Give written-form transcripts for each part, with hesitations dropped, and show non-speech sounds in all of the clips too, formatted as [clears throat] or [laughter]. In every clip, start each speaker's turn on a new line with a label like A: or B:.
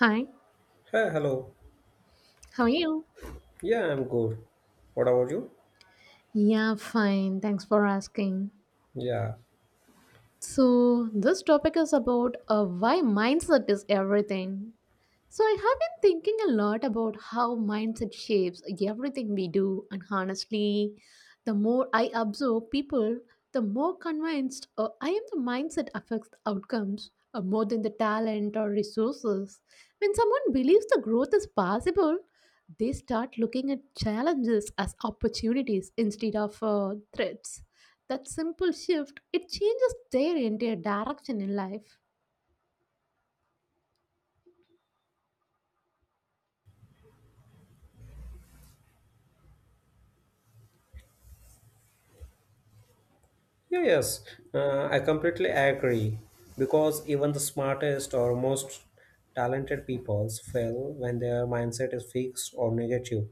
A: Hi,
B: Hi, hello.
A: how are you?
B: Yeah, I'm good. What about you?
A: Yeah, fine. Thanks for asking.
B: Yeah.
A: So, this topic is about why mindset is everything. So, I have been thinking a lot about how mindset shapes everything we do, and honestly, the more I observe people, the more convinced I am the mindset affects the outcomes more than the talent or resources. When someone believes the growth is possible, they start looking at challenges as opportunities instead of threats. That simple shift it changes their entire direction in life.
B: Yeah, yes. I completely agree because even the smartest or most talented peoples fail when their mindset is fixed or negative.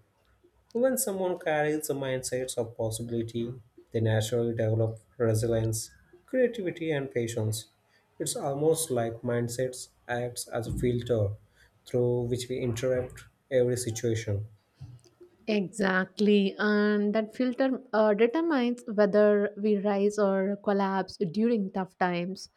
B: When someone carries the mindsets of possibility, they naturally develop resilience, creativity, and patience. It's almost like mindsets acts as a filter through which we interrupt every situation.
A: Exactly, and that filter determines whether we rise or collapse during tough times.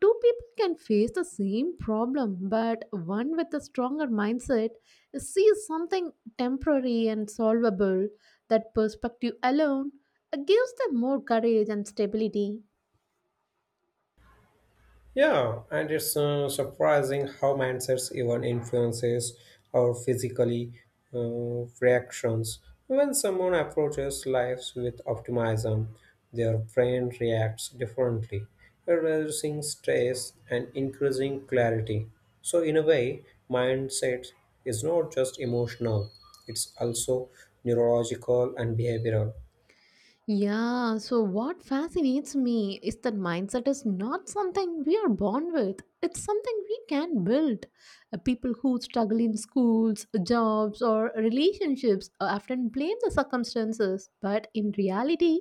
A: Two people can face the same problem, but one with a stronger mindset sees something temporary and solvable. That perspective alone gives them more courage and stability.
B: Yeah, and it's surprising how mindsets even influences our physically reactions. When someone approaches life with optimism, their brain reacts differently, reducing stress and increasing clarity. So, in a way, mindset is not just emotional; it's also neurological and behavioral.
A: Yeah, so what fascinates me is that mindset is not something we are born with. It's something we can build. People who struggle in schools, jobs, or relationships often blame the circumstances, but in reality,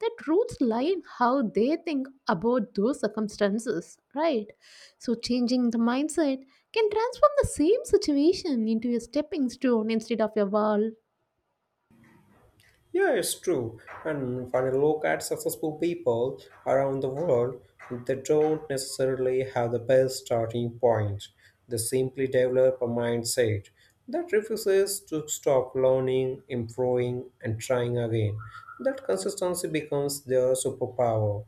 A: the truth lie in how they think about those circumstances, right? So, changing the mindset can transform the same situation into a stepping stone instead of a wall.
B: Yeah, it's true. And when you look at successful people around the world, they don't necessarily have the best starting point. They simply develop a mindset that refuses to stop learning, improving, and trying again. That consistency becomes their superpower.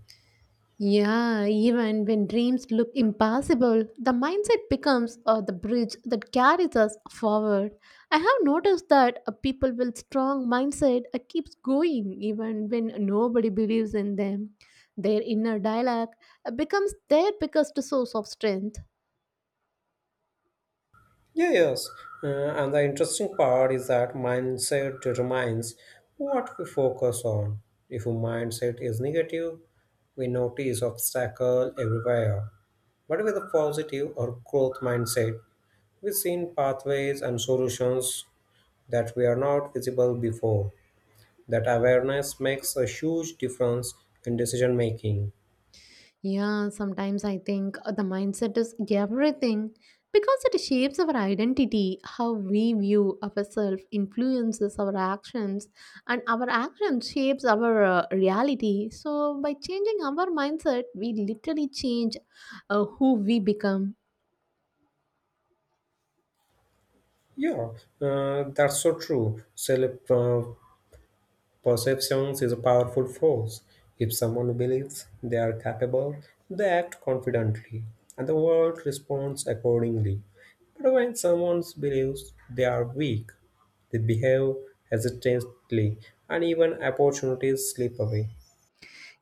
A: Yeah, even when dreams look impossible, the mindset becomes the bridge that carries us forward. I have noticed that people with strong mindset keeps going even when nobody believes in them. Their inner dialogue becomes their biggest source of strength.
B: Yeah, yes. And the interesting part is that mindset determines what we focus on. If our mindset is negative, we notice obstacle everywhere. But with a positive or growth mindset, we see pathways and solutions that were not visible before. That awareness makes a huge difference in decision making.
A: Yeah, sometimes I think the mindset is everything because it shapes our identity, how we view ourselves, influences our actions, and our actions shapes our reality. So by changing our mindset, we literally change who we become.
B: Yeah, that's so true. Perception is a powerful force. If someone believes they are capable, they act confidently, and the world responds accordingly. But when someone believes they are weak, they behave hesitantly, and even opportunities slip away.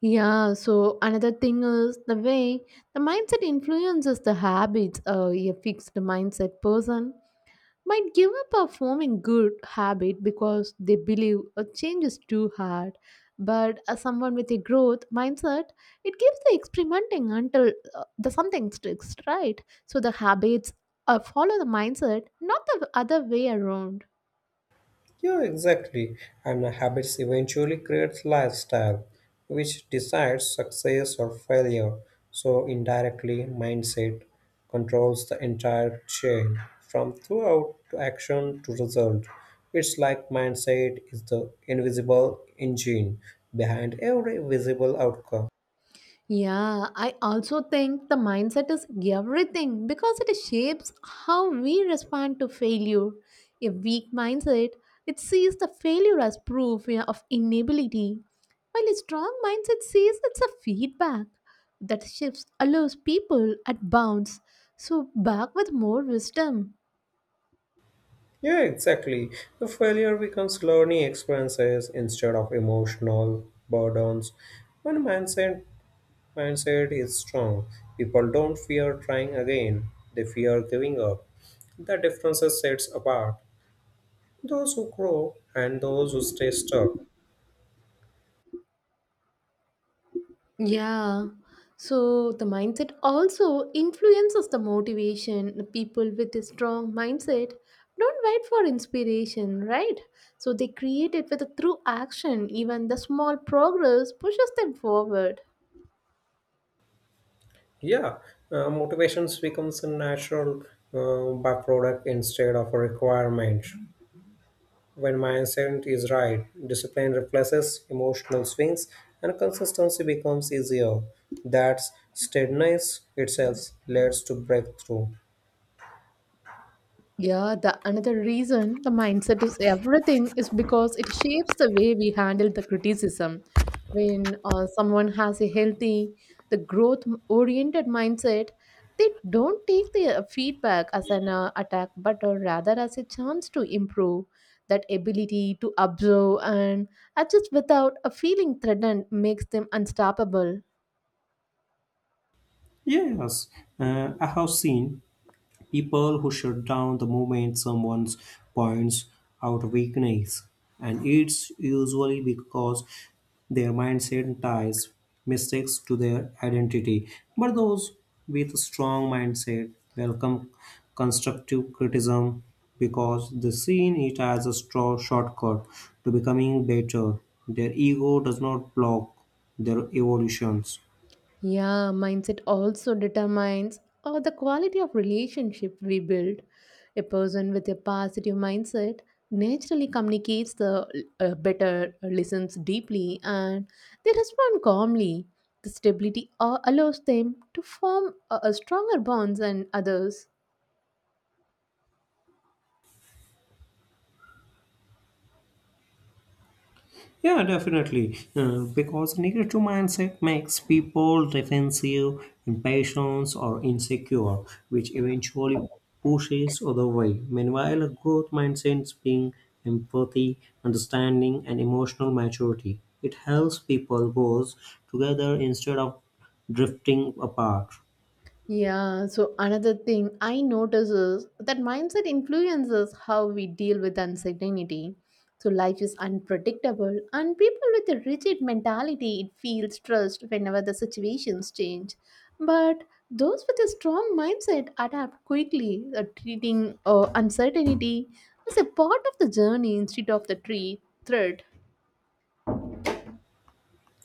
A: Yeah, so another thing is the way the mindset influences the habits. A fixed mindset person might give up a forming good habit because they believe a change is too hard, but as someone with a growth mindset it keeps the experimenting until the something sticks, right? So the habits follow the mindset, not the other way around.
B: Yeah, exactly. And habits eventually creates lifestyle, which decides success or failure. So indirectly, mindset controls the entire chain from throughout to action to result. It's like mindset is the invisible engine behind every visible outcome.
A: Yeah, I also think the mindset is everything because it shapes how we respond to failure. A weak mindset, it sees the failure as proof, yeah, of inability, while a strong mindset sees it's a feedback. That shifts allows people at bounds, so back with more wisdom.
B: Yeah, exactly. The failure becomes learning experiences instead of emotional burdens. When mindset is strong. People don't fear trying again, they fear giving up. The differences sets apart those who grow and those who stay stuck.
A: Yeah. So the mindset also influences the motivation. The people with a strong mindset don't wait for inspiration, right? So they create it with through action. Even the small progress pushes them forward.
B: Yeah, motivations becomes a natural byproduct instead of a requirement. When mindset is right, discipline replaces emotional swings and consistency becomes easier. That's steadiness itself leads to breakthrough.
A: Yeah, the another reason the mindset is everything is because it shapes the way we handle the criticism. When someone has a healthy, the growth oriented mindset, they don't take the feedback as an attack, but rather as a chance to improve. That ability to observe and adjust without a feeling threatened makes them unstoppable.
B: Yes, I have seen people who shut down the moment someone points out weakness, and it's usually because their mindset ties mistakes to their identity. But those with a strong mindset welcome constructive criticism because they see it as a straw shortcut to becoming better. Their ego does not block their evolutions.
A: Yeah, mindset also determines or the quality of relationship we build. A person with a positive mindset naturally communicates the better, listens deeply, and they respond calmly. The stability allows them to form stronger bonds and others.
B: Yeah, definitely. Because negative mindset makes people defensive, impatient, or insecure, which eventually pushes other way. Meanwhile, a growth mindset being empathy, understanding, and emotional maturity. It helps people grow together instead of drifting apart.
A: Yeah, so another thing I notice is that mindset influences how we deal with uncertainty. So life is unpredictable, and people with a rigid mentality it feels stressed whenever the situations change. But those with a strong mindset adapt quickly, treating uncertainty as a part of the journey instead of the threat.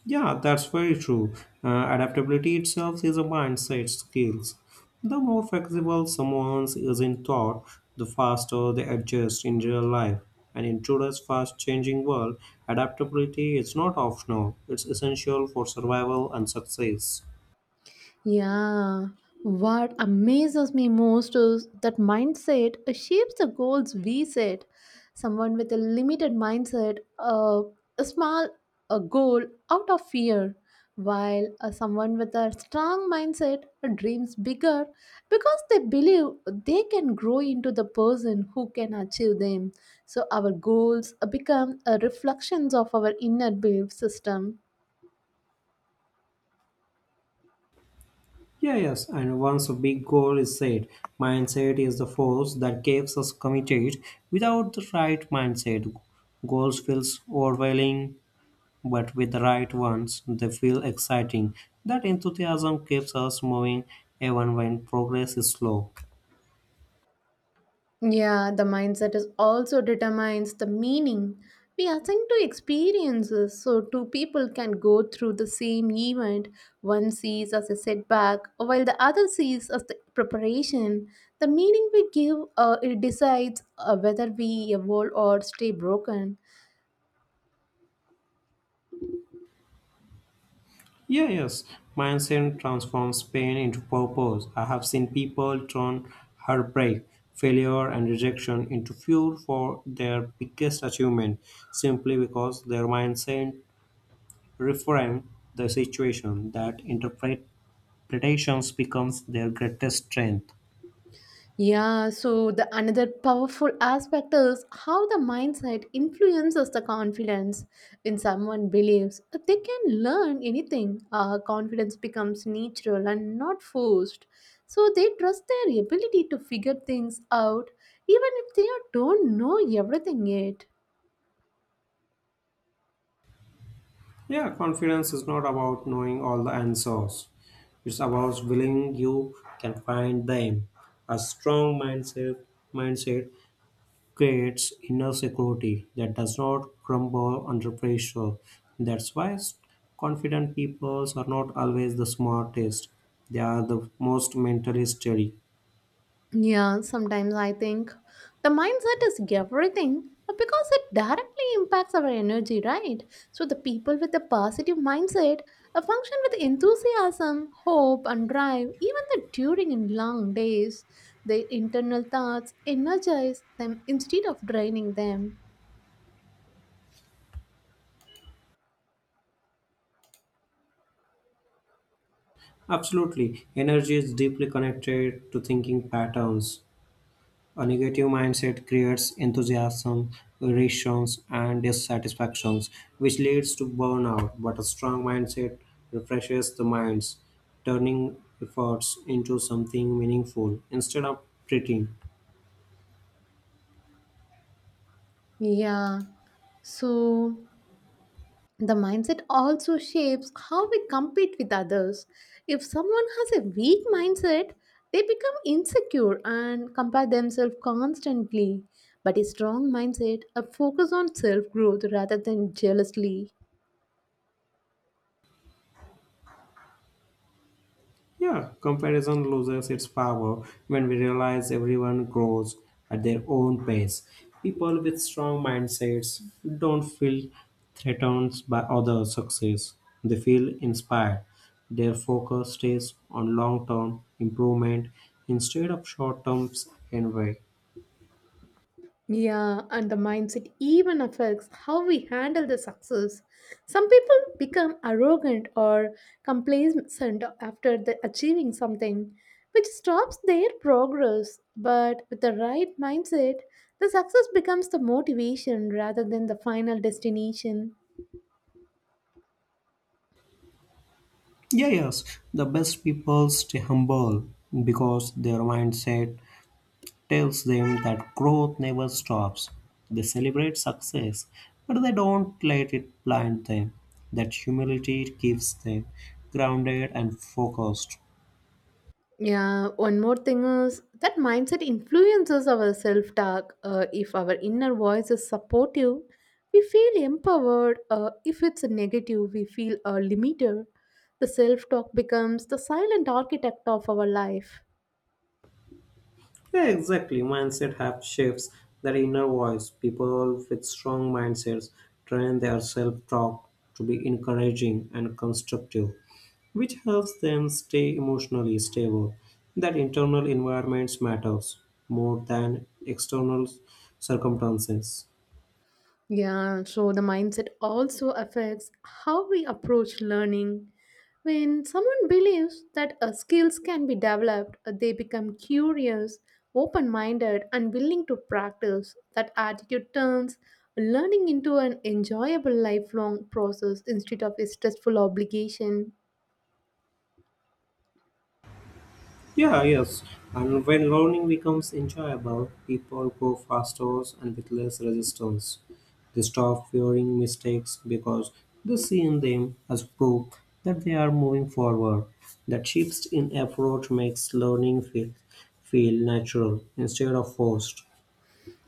B: Yeah, that's very true. Adaptability itself is a mindset skills. The more flexible someone is in thought, the faster they adjust in real life. And in today's fast-changing world, adaptability is not optional. It's essential for survival and success.
A: Yeah, what amazes me most is that mindset shapes the goals we set. Someone with a limited mindset, a small a goal out of fear, while someone with a strong mindset dreams bigger because they believe they can grow into the person who can achieve them. So our goals become reflections of our inner belief system.
B: Yeah, yes, and once a big goal is set, mindset is the force that keeps us committed. Without the right mindset, goals feels overwhelming but with the right ones, they feel exciting. That enthusiasm keeps us moving even when progress is slow.
A: Yeah, the mindset is also determines the meaning we assign to experiences. So, two people can go through the same event. One sees as a setback, while the other sees as the preparation. The meaning we give, it decides whether we evolve or stay broken.
B: Yeah, yes, mindset transforms pain into purpose. I have seen people turn heartbreak, failure, and rejection into fuel for their biggest achievement simply because their mindset reframed the situation that interpretations becomes their greatest strength.
A: Yeah, so the another powerful aspect is how the mindset influences the confidence. When someone believes they can learn anything, confidence becomes natural and not forced. So they trust their ability to figure things out, even if they don't know everything yet.
B: Yeah, confidence is not about knowing all the answers. It's about willing you can find them. A strong mindset creates inner security that does not crumble under pressure. That's why confident people are not always the smartest. They are the most mentally steady.
A: Yeah, sometimes I think the mindset is everything because it directly impacts our energy, right? So, the people with a positive mindset function with enthusiasm, hope, and drive, even the during in long days. Their internal thoughts energize them instead of draining them.
B: Absolutely. Energy is deeply connected to thinking patterns. A negative mindset creates enthusiasm, irritations, and dissatisfactions, which leads to burnout. But a strong mindset refreshes the minds, turning efforts into something meaningful instead of pretending.
A: Yeah. So, the mindset also shapes how we compete with others. If someone has a weak mindset, they become insecure and compare themselves constantly. But a strong mindset, a focus on self growth rather than jealously.
B: Yeah, comparison loses its power when we realize everyone grows at their own pace. People with strong mindsets don't feel threatened by others' success, they feel inspired. Their focus stays on long term improvement instead of short term envy.
A: Yeah, and the mindset even affects how we handle the success. Some people become arrogant or complacent after the achieving something, which stops their progress. But with the right mindset, the success becomes the motivation rather than the final destination.
B: Yeah, yes, the best people stay humble because their mindset tells them that growth never stops. They celebrate success, but they don't let it blind them. That humility keeps them grounded and focused.
A: Yeah, one more thing is that mindset influences our self talk. If our inner voice is supportive, we feel empowered. If it's negative, we feel limited. The self talk becomes the silent architect of our life.
B: Yeah, exactly. Mindset have shifts their inner voice. People with strong mindsets train their self-talk to be encouraging and constructive, which helps them stay emotionally stable. That internal environments matters more than external circumstances.
A: Yeah, so the mindset also affects how we approach learning. When someone believes that skills can be developed, they become curious, open minded, and willing to practice. That attitude turns learning into an enjoyable lifelong process instead of a stressful obligation.
B: Yeah, yes. And when learning becomes enjoyable, people grow faster and with less resistance. They stop fearing mistakes because they see in them as proof that they are moving forward. That shift in approach makes learning feel natural instead of forced.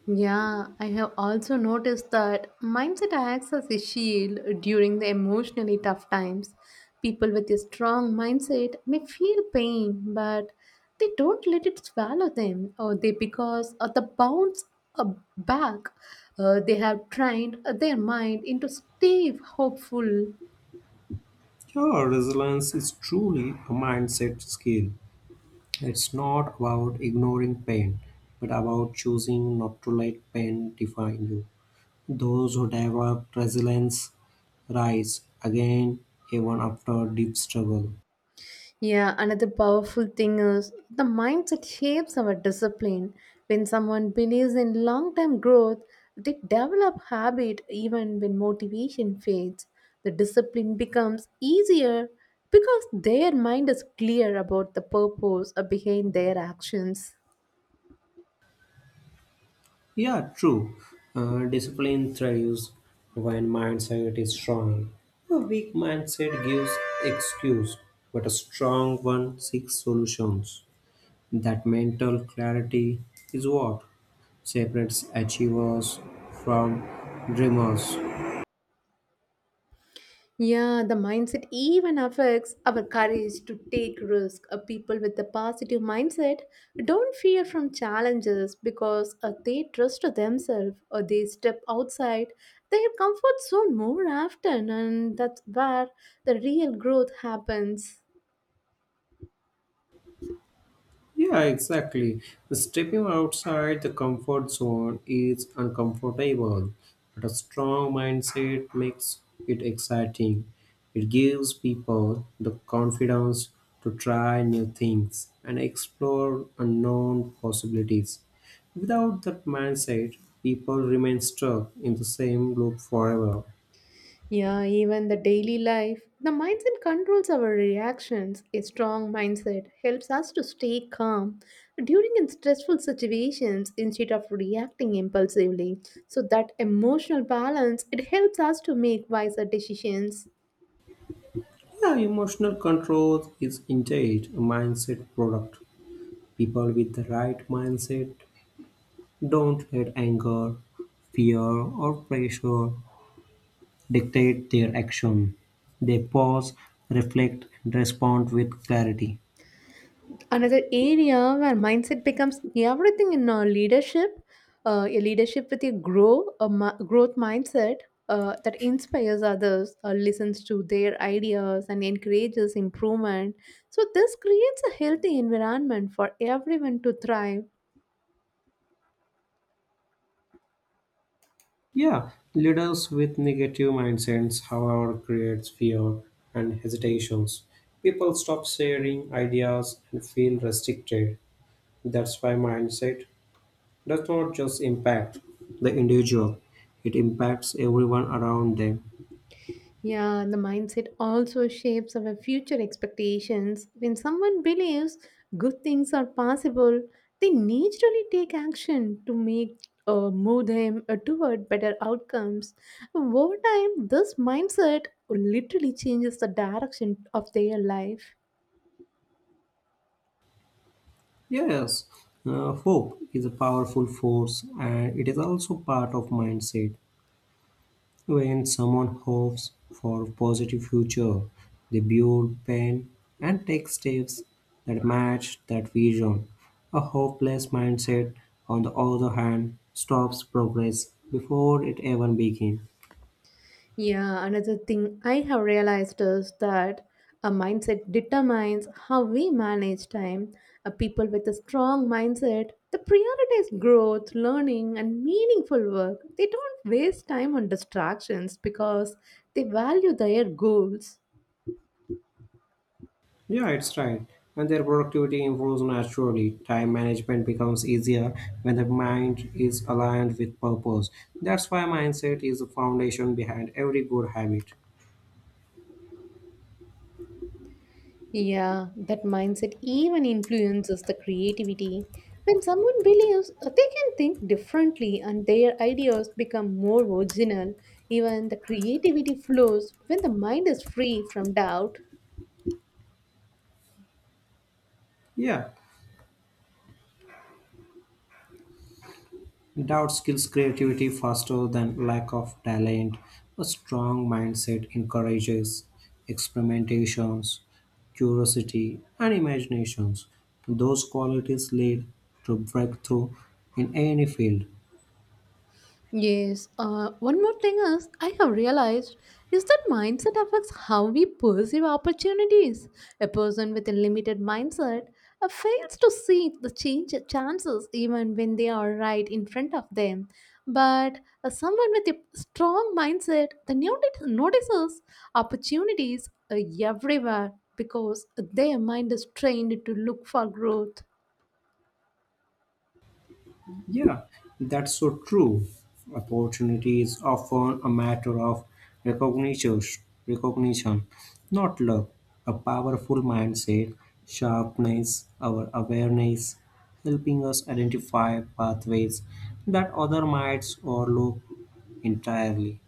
A: Yeah, I have also noticed that mindset acts as a shield during the emotionally tough times. People with a strong mindset may feel pain, but they don't let it swallow them, or they because of the bounce uh, back. They have trained their mind into stay hopeful.
B: Yeah, resilience is truly a mindset skill. It's not about ignoring pain, but about choosing not to let pain define you. Those who develop resilience rise again even after deep struggle.
A: Yeah, another powerful thing is the mindset shapes our discipline. When someone believes in long term growth, they develop habit even when motivation fades. The discipline becomes easier because their mind is clear about the purpose behind their actions.
B: Yeah, true. Discipline thrives when mindset is strong. A weak mindset gives excuse, but a strong one seeks solutions. That mental clarity is what separates achievers from dreamers.
A: Yeah, the mindset even affects our courage to take risk. People with a positive mindset don't fear from challenges because they trust themselves or they step outside their comfort zone more often, and that's where the real growth happens.
B: Yeah, exactly. Stepping outside the comfort zone is uncomfortable, but a strong mindset makes it exciting. It gives people the confidence to try new things and explore unknown possibilities. Without that mindset, people remain stuck in the same loop forever.
A: Yeah, even the daily life, the mindset controls our reactions. A strong mindset helps us to stay calm during in stressful situations instead of reacting impulsively. So that emotional balance, it helps us to make wiser decisions.
B: Yeah, emotional control is indeed a mindset product. People with the right mindset don't let anger, fear, or pressure dictate their action. They pause, reflect, and respond with clarity.
A: Another area where mindset becomes everything in our leadership, a leadership with a growth mindset that inspires others, listens to their ideas and encourages improvement. So this creates a healthy environment for everyone to thrive.
B: Yeah, leaders with negative mindsets, however, creates fear and hesitations. People stop sharing ideas and feel restricted. That's why mindset does not just impact the individual, it impacts everyone around them.
A: Yeah, the mindset also shapes our future expectations. When someone believes good things are possible, they naturally take action to make move them toward better outcomes. Over time, this mindset literally changes the direction of their life.
B: Yes, hope is a powerful force and it is also part of mindset. When someone hopes for a positive future, they build plan and take steps that match that vision. A hopeless mindset, on the other hand, stops progress before it even begins.
A: Yeah, another thing I have realized is that a mindset determines how we manage time. A people with a strong mindset, they prioritize growth, learning, and meaningful work. They don't waste time on distractions because they value their goals.
B: Yeah, it's right. And their productivity improves naturally. Time management becomes easier when the mind is aligned with purpose. That's why mindset is the foundation behind every good habit.
A: Yeah, that mindset even influences the creativity. When someone believes they can think differently and their ideas become more original, even the creativity flows when the mind is free from doubt.
B: Yeah, doubt skills creativity faster than lack of talent. A strong mindset encourages experimentations, curiosity, and imaginations. Those qualities lead to breakthrough in any field.
A: Yes, one more thing is I have realized is that mindset affects how we perceive opportunities. A person with a limited mindset fails to see the change chances even when they are right in front of them. But someone with a strong mindset, the notices opportunities everywhere because their mind is trained to look for growth.
B: Yeah, that's so true. Opportunity is often a matter of recognition, recognition, not luck. A powerful mindset sharpens our awareness, helping us identify pathways that other might overlook entirely.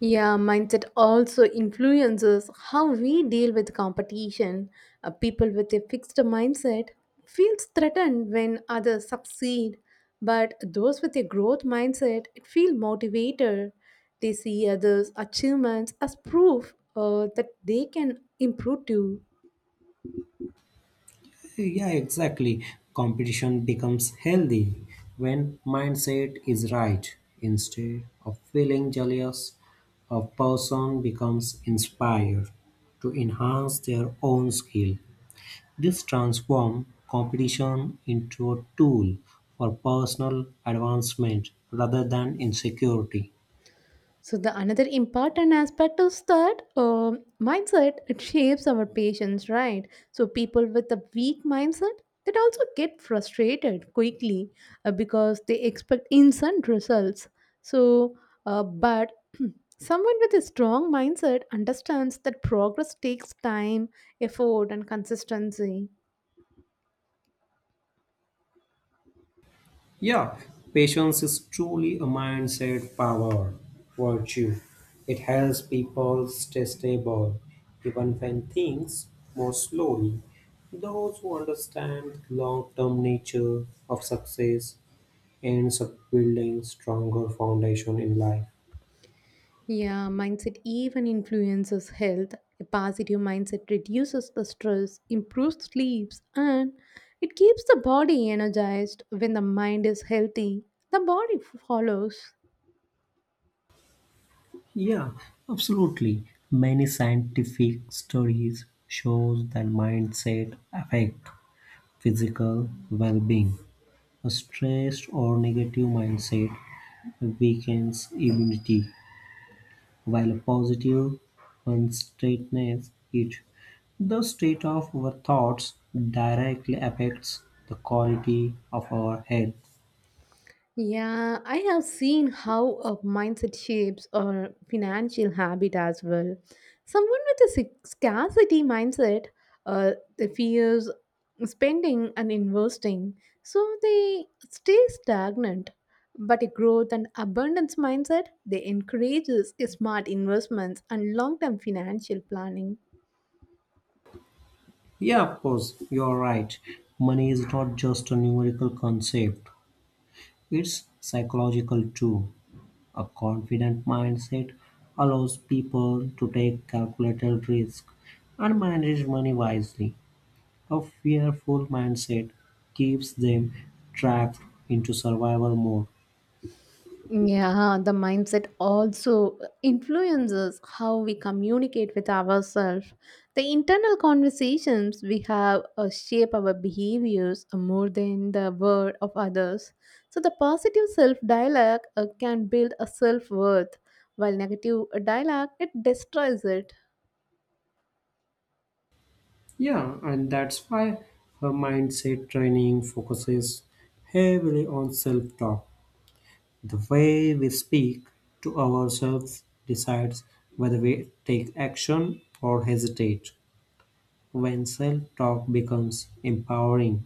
A: Yeah, mindset also influences how we deal with competition. People with a fixed mindset feels threatened when others succeed, but those with a growth mindset it feel motivated. They see others' achievements as proof that they can improve too.
B: Yeah, exactly. Competition becomes healthy when mindset is right. Instead of feeling jealous, a person becomes inspired to enhance their own skill. This transforms competition into a tool for personal advancement rather than insecurity.
A: So the another important aspect is that mindset it shapes our patience, right? So people with a weak mindset that also get frustrated quickly because they expect instant results. So, but [clears throat] someone with a strong mindset understands that progress takes time, effort, and consistency.
B: Yeah, patience is truly a mindset power, virtue. It helps people stay stable even when things move slowly. Those who understand the long term nature of success ends up building stronger foundation in life.
A: Yeah, mindset even influences health. A positive mindset reduces the stress, improves sleeps, and it keeps the body energized. When the mind is healthy, the body follows.
B: Yeah, absolutely. Many scientific studies shows that mindset affect physical well-being. A stressed or negative mindset weakens immunity, while a positive unstraightness it. The state of our thoughts directly affects the quality of our health.
A: Yeah, I have seen how a mindset shapes our financial habit as well. Someone with a scarcity mindset, uh, they fears spending and investing, so they stay stagnant. But a growth and abundance mindset, they encourages smart investments and long-term financial planning.
B: Yeah, of course, you're right. Money is not just a numerical concept, it's psychological too. A confident mindset allows people to take calculated risks and manage money wisely. A fearful mindset keeps them trapped into survival mode.
A: Yeah, the mindset also influences how we communicate with ourselves. The internal conversations we have shape our behaviors more than the word of others. So, the positive self dialogue can build a self worth, while negative dialogue it destroys it.
B: Yeah, and that's why her mindset training focuses heavily on self talk. The way we speak to ourselves decides whether we take action or hesitate. When self talk becomes empowering,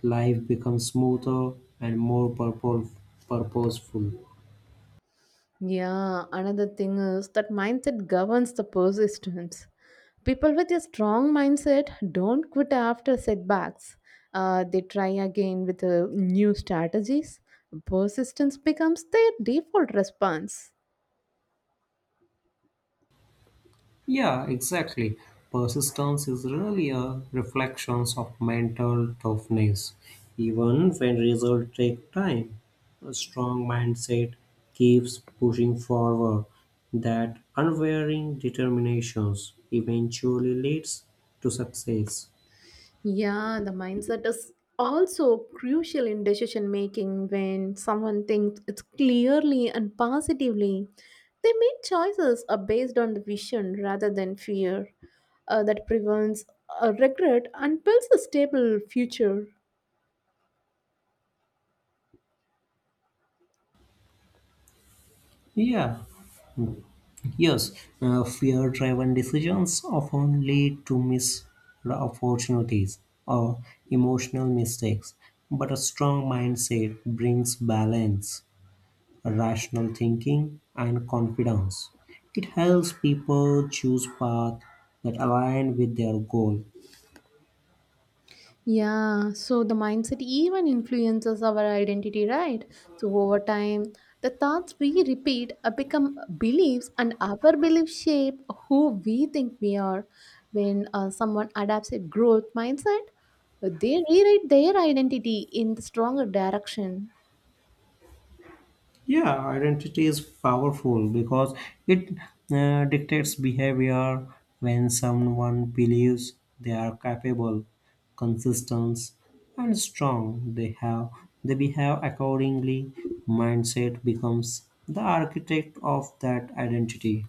B: life becomes smoother and more purposeful.
A: Yeah, another thing is that mindset governs the persistence. People with a strong mindset don't quit after setbacks. They try again with new strategies. Persistence becomes their default response.
B: Yeah, exactly. Persistence is really a reflection of mental toughness, even when results take time. A strong mindset keeps pushing forward. That unwavering determination eventually leads to success.
A: Yeah, the mindset is also crucial in decision making when someone thinks it's clearly and positively. They make choices are based on the vision rather than fear, that prevents regret and builds a stable future.
B: Yeah, yes, fear driven decisions often lead to missed opportunities or emotional mistakes, but a strong mindset brings balance, rational thinking, and confidence. It helps people choose paths that align with their goal.
A: Yeah, so the mindset even influences our identity, right? So over time, the thoughts we repeat become beliefs, and our beliefs shape who we think we are. When someone adapts a growth mindset, they rewrite their identity in the stronger direction.
B: Yeah, identity is powerful because it dictates behavior when someone believes they are capable, consistent, and strong. They behave accordingly. Mindset becomes the architect of that identity.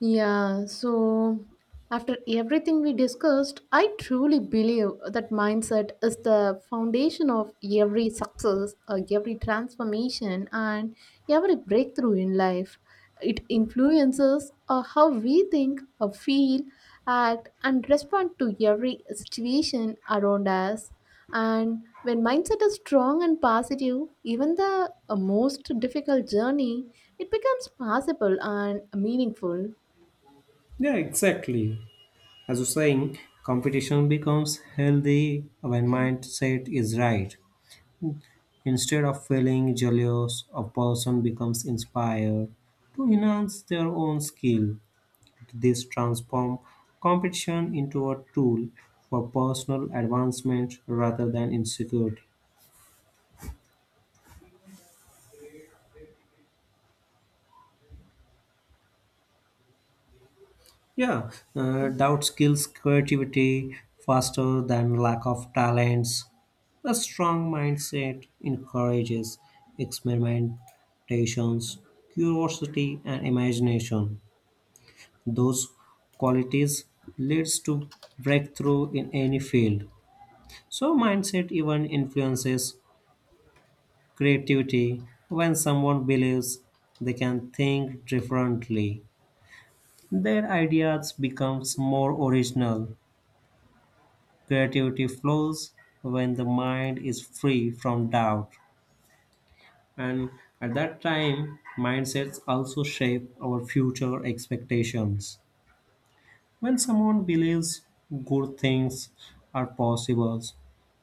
A: Yeah, so after everything we discussed, I truly believe that mindset is the foundation of every success, every transformation, and every breakthrough in life. It influences how we think, feel, act, and respond to every situation around us. And when mindset is strong and positive, even the most difficult journey, it becomes possible and meaningful.
B: Yeah, exactly. As you're saying, competition becomes healthy when mindset is right. Instead of feeling jealous, a person becomes inspired to enhance their own skill. This transforms competition into a tool for personal advancement rather than insecurity. Yeah, doubt skills creativity faster than lack of talents. A strong mindset encourages experimentations, curiosity, and imagination. Those qualities leads to breakthrough in any field. So mindset even influences creativity when someone believes they can think differently, their ideas becomes more original, creativity flows when the mind is free from doubt. And at that time mindsets also shape our future expectations. When someone believes good things are possible,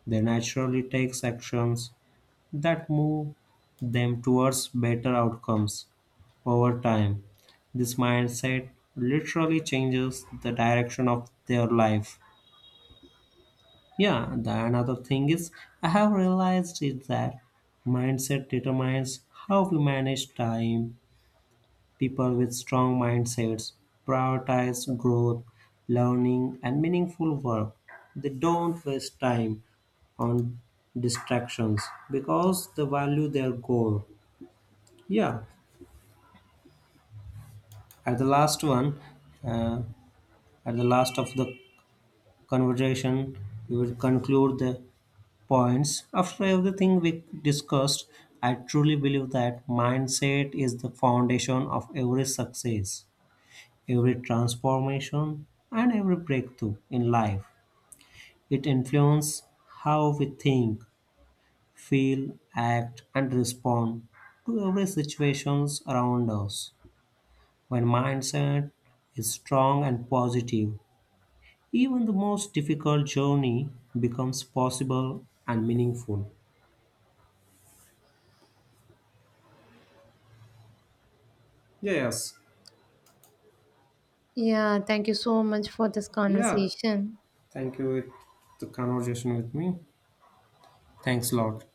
B: they naturally take actions that move them towards better outcomes over time. This mindset literally changes the direction of their life. Yeah, the another thing is I have realized is that mindset determines how we manage time. People with strong mindsets prioritize growth, learning, and meaningful work. They don't waste time on distractions because they value their goal. Yeah, at the last one, uh, at the last of the conversation, we will conclude the points. After everything we discussed, I truly believe that mindset is the foundation of every success. Every transformation and every breakthrough in life, it influences how we think, feel, act, and respond to every situations around us. When mindset is strong and positive, even the most difficult journey becomes possible and meaningful. Yes.
A: Yeah, thank you so much for this
B: Yeah.
A: conversation.
B: Thank you with the conversation with me. Thanks a lot.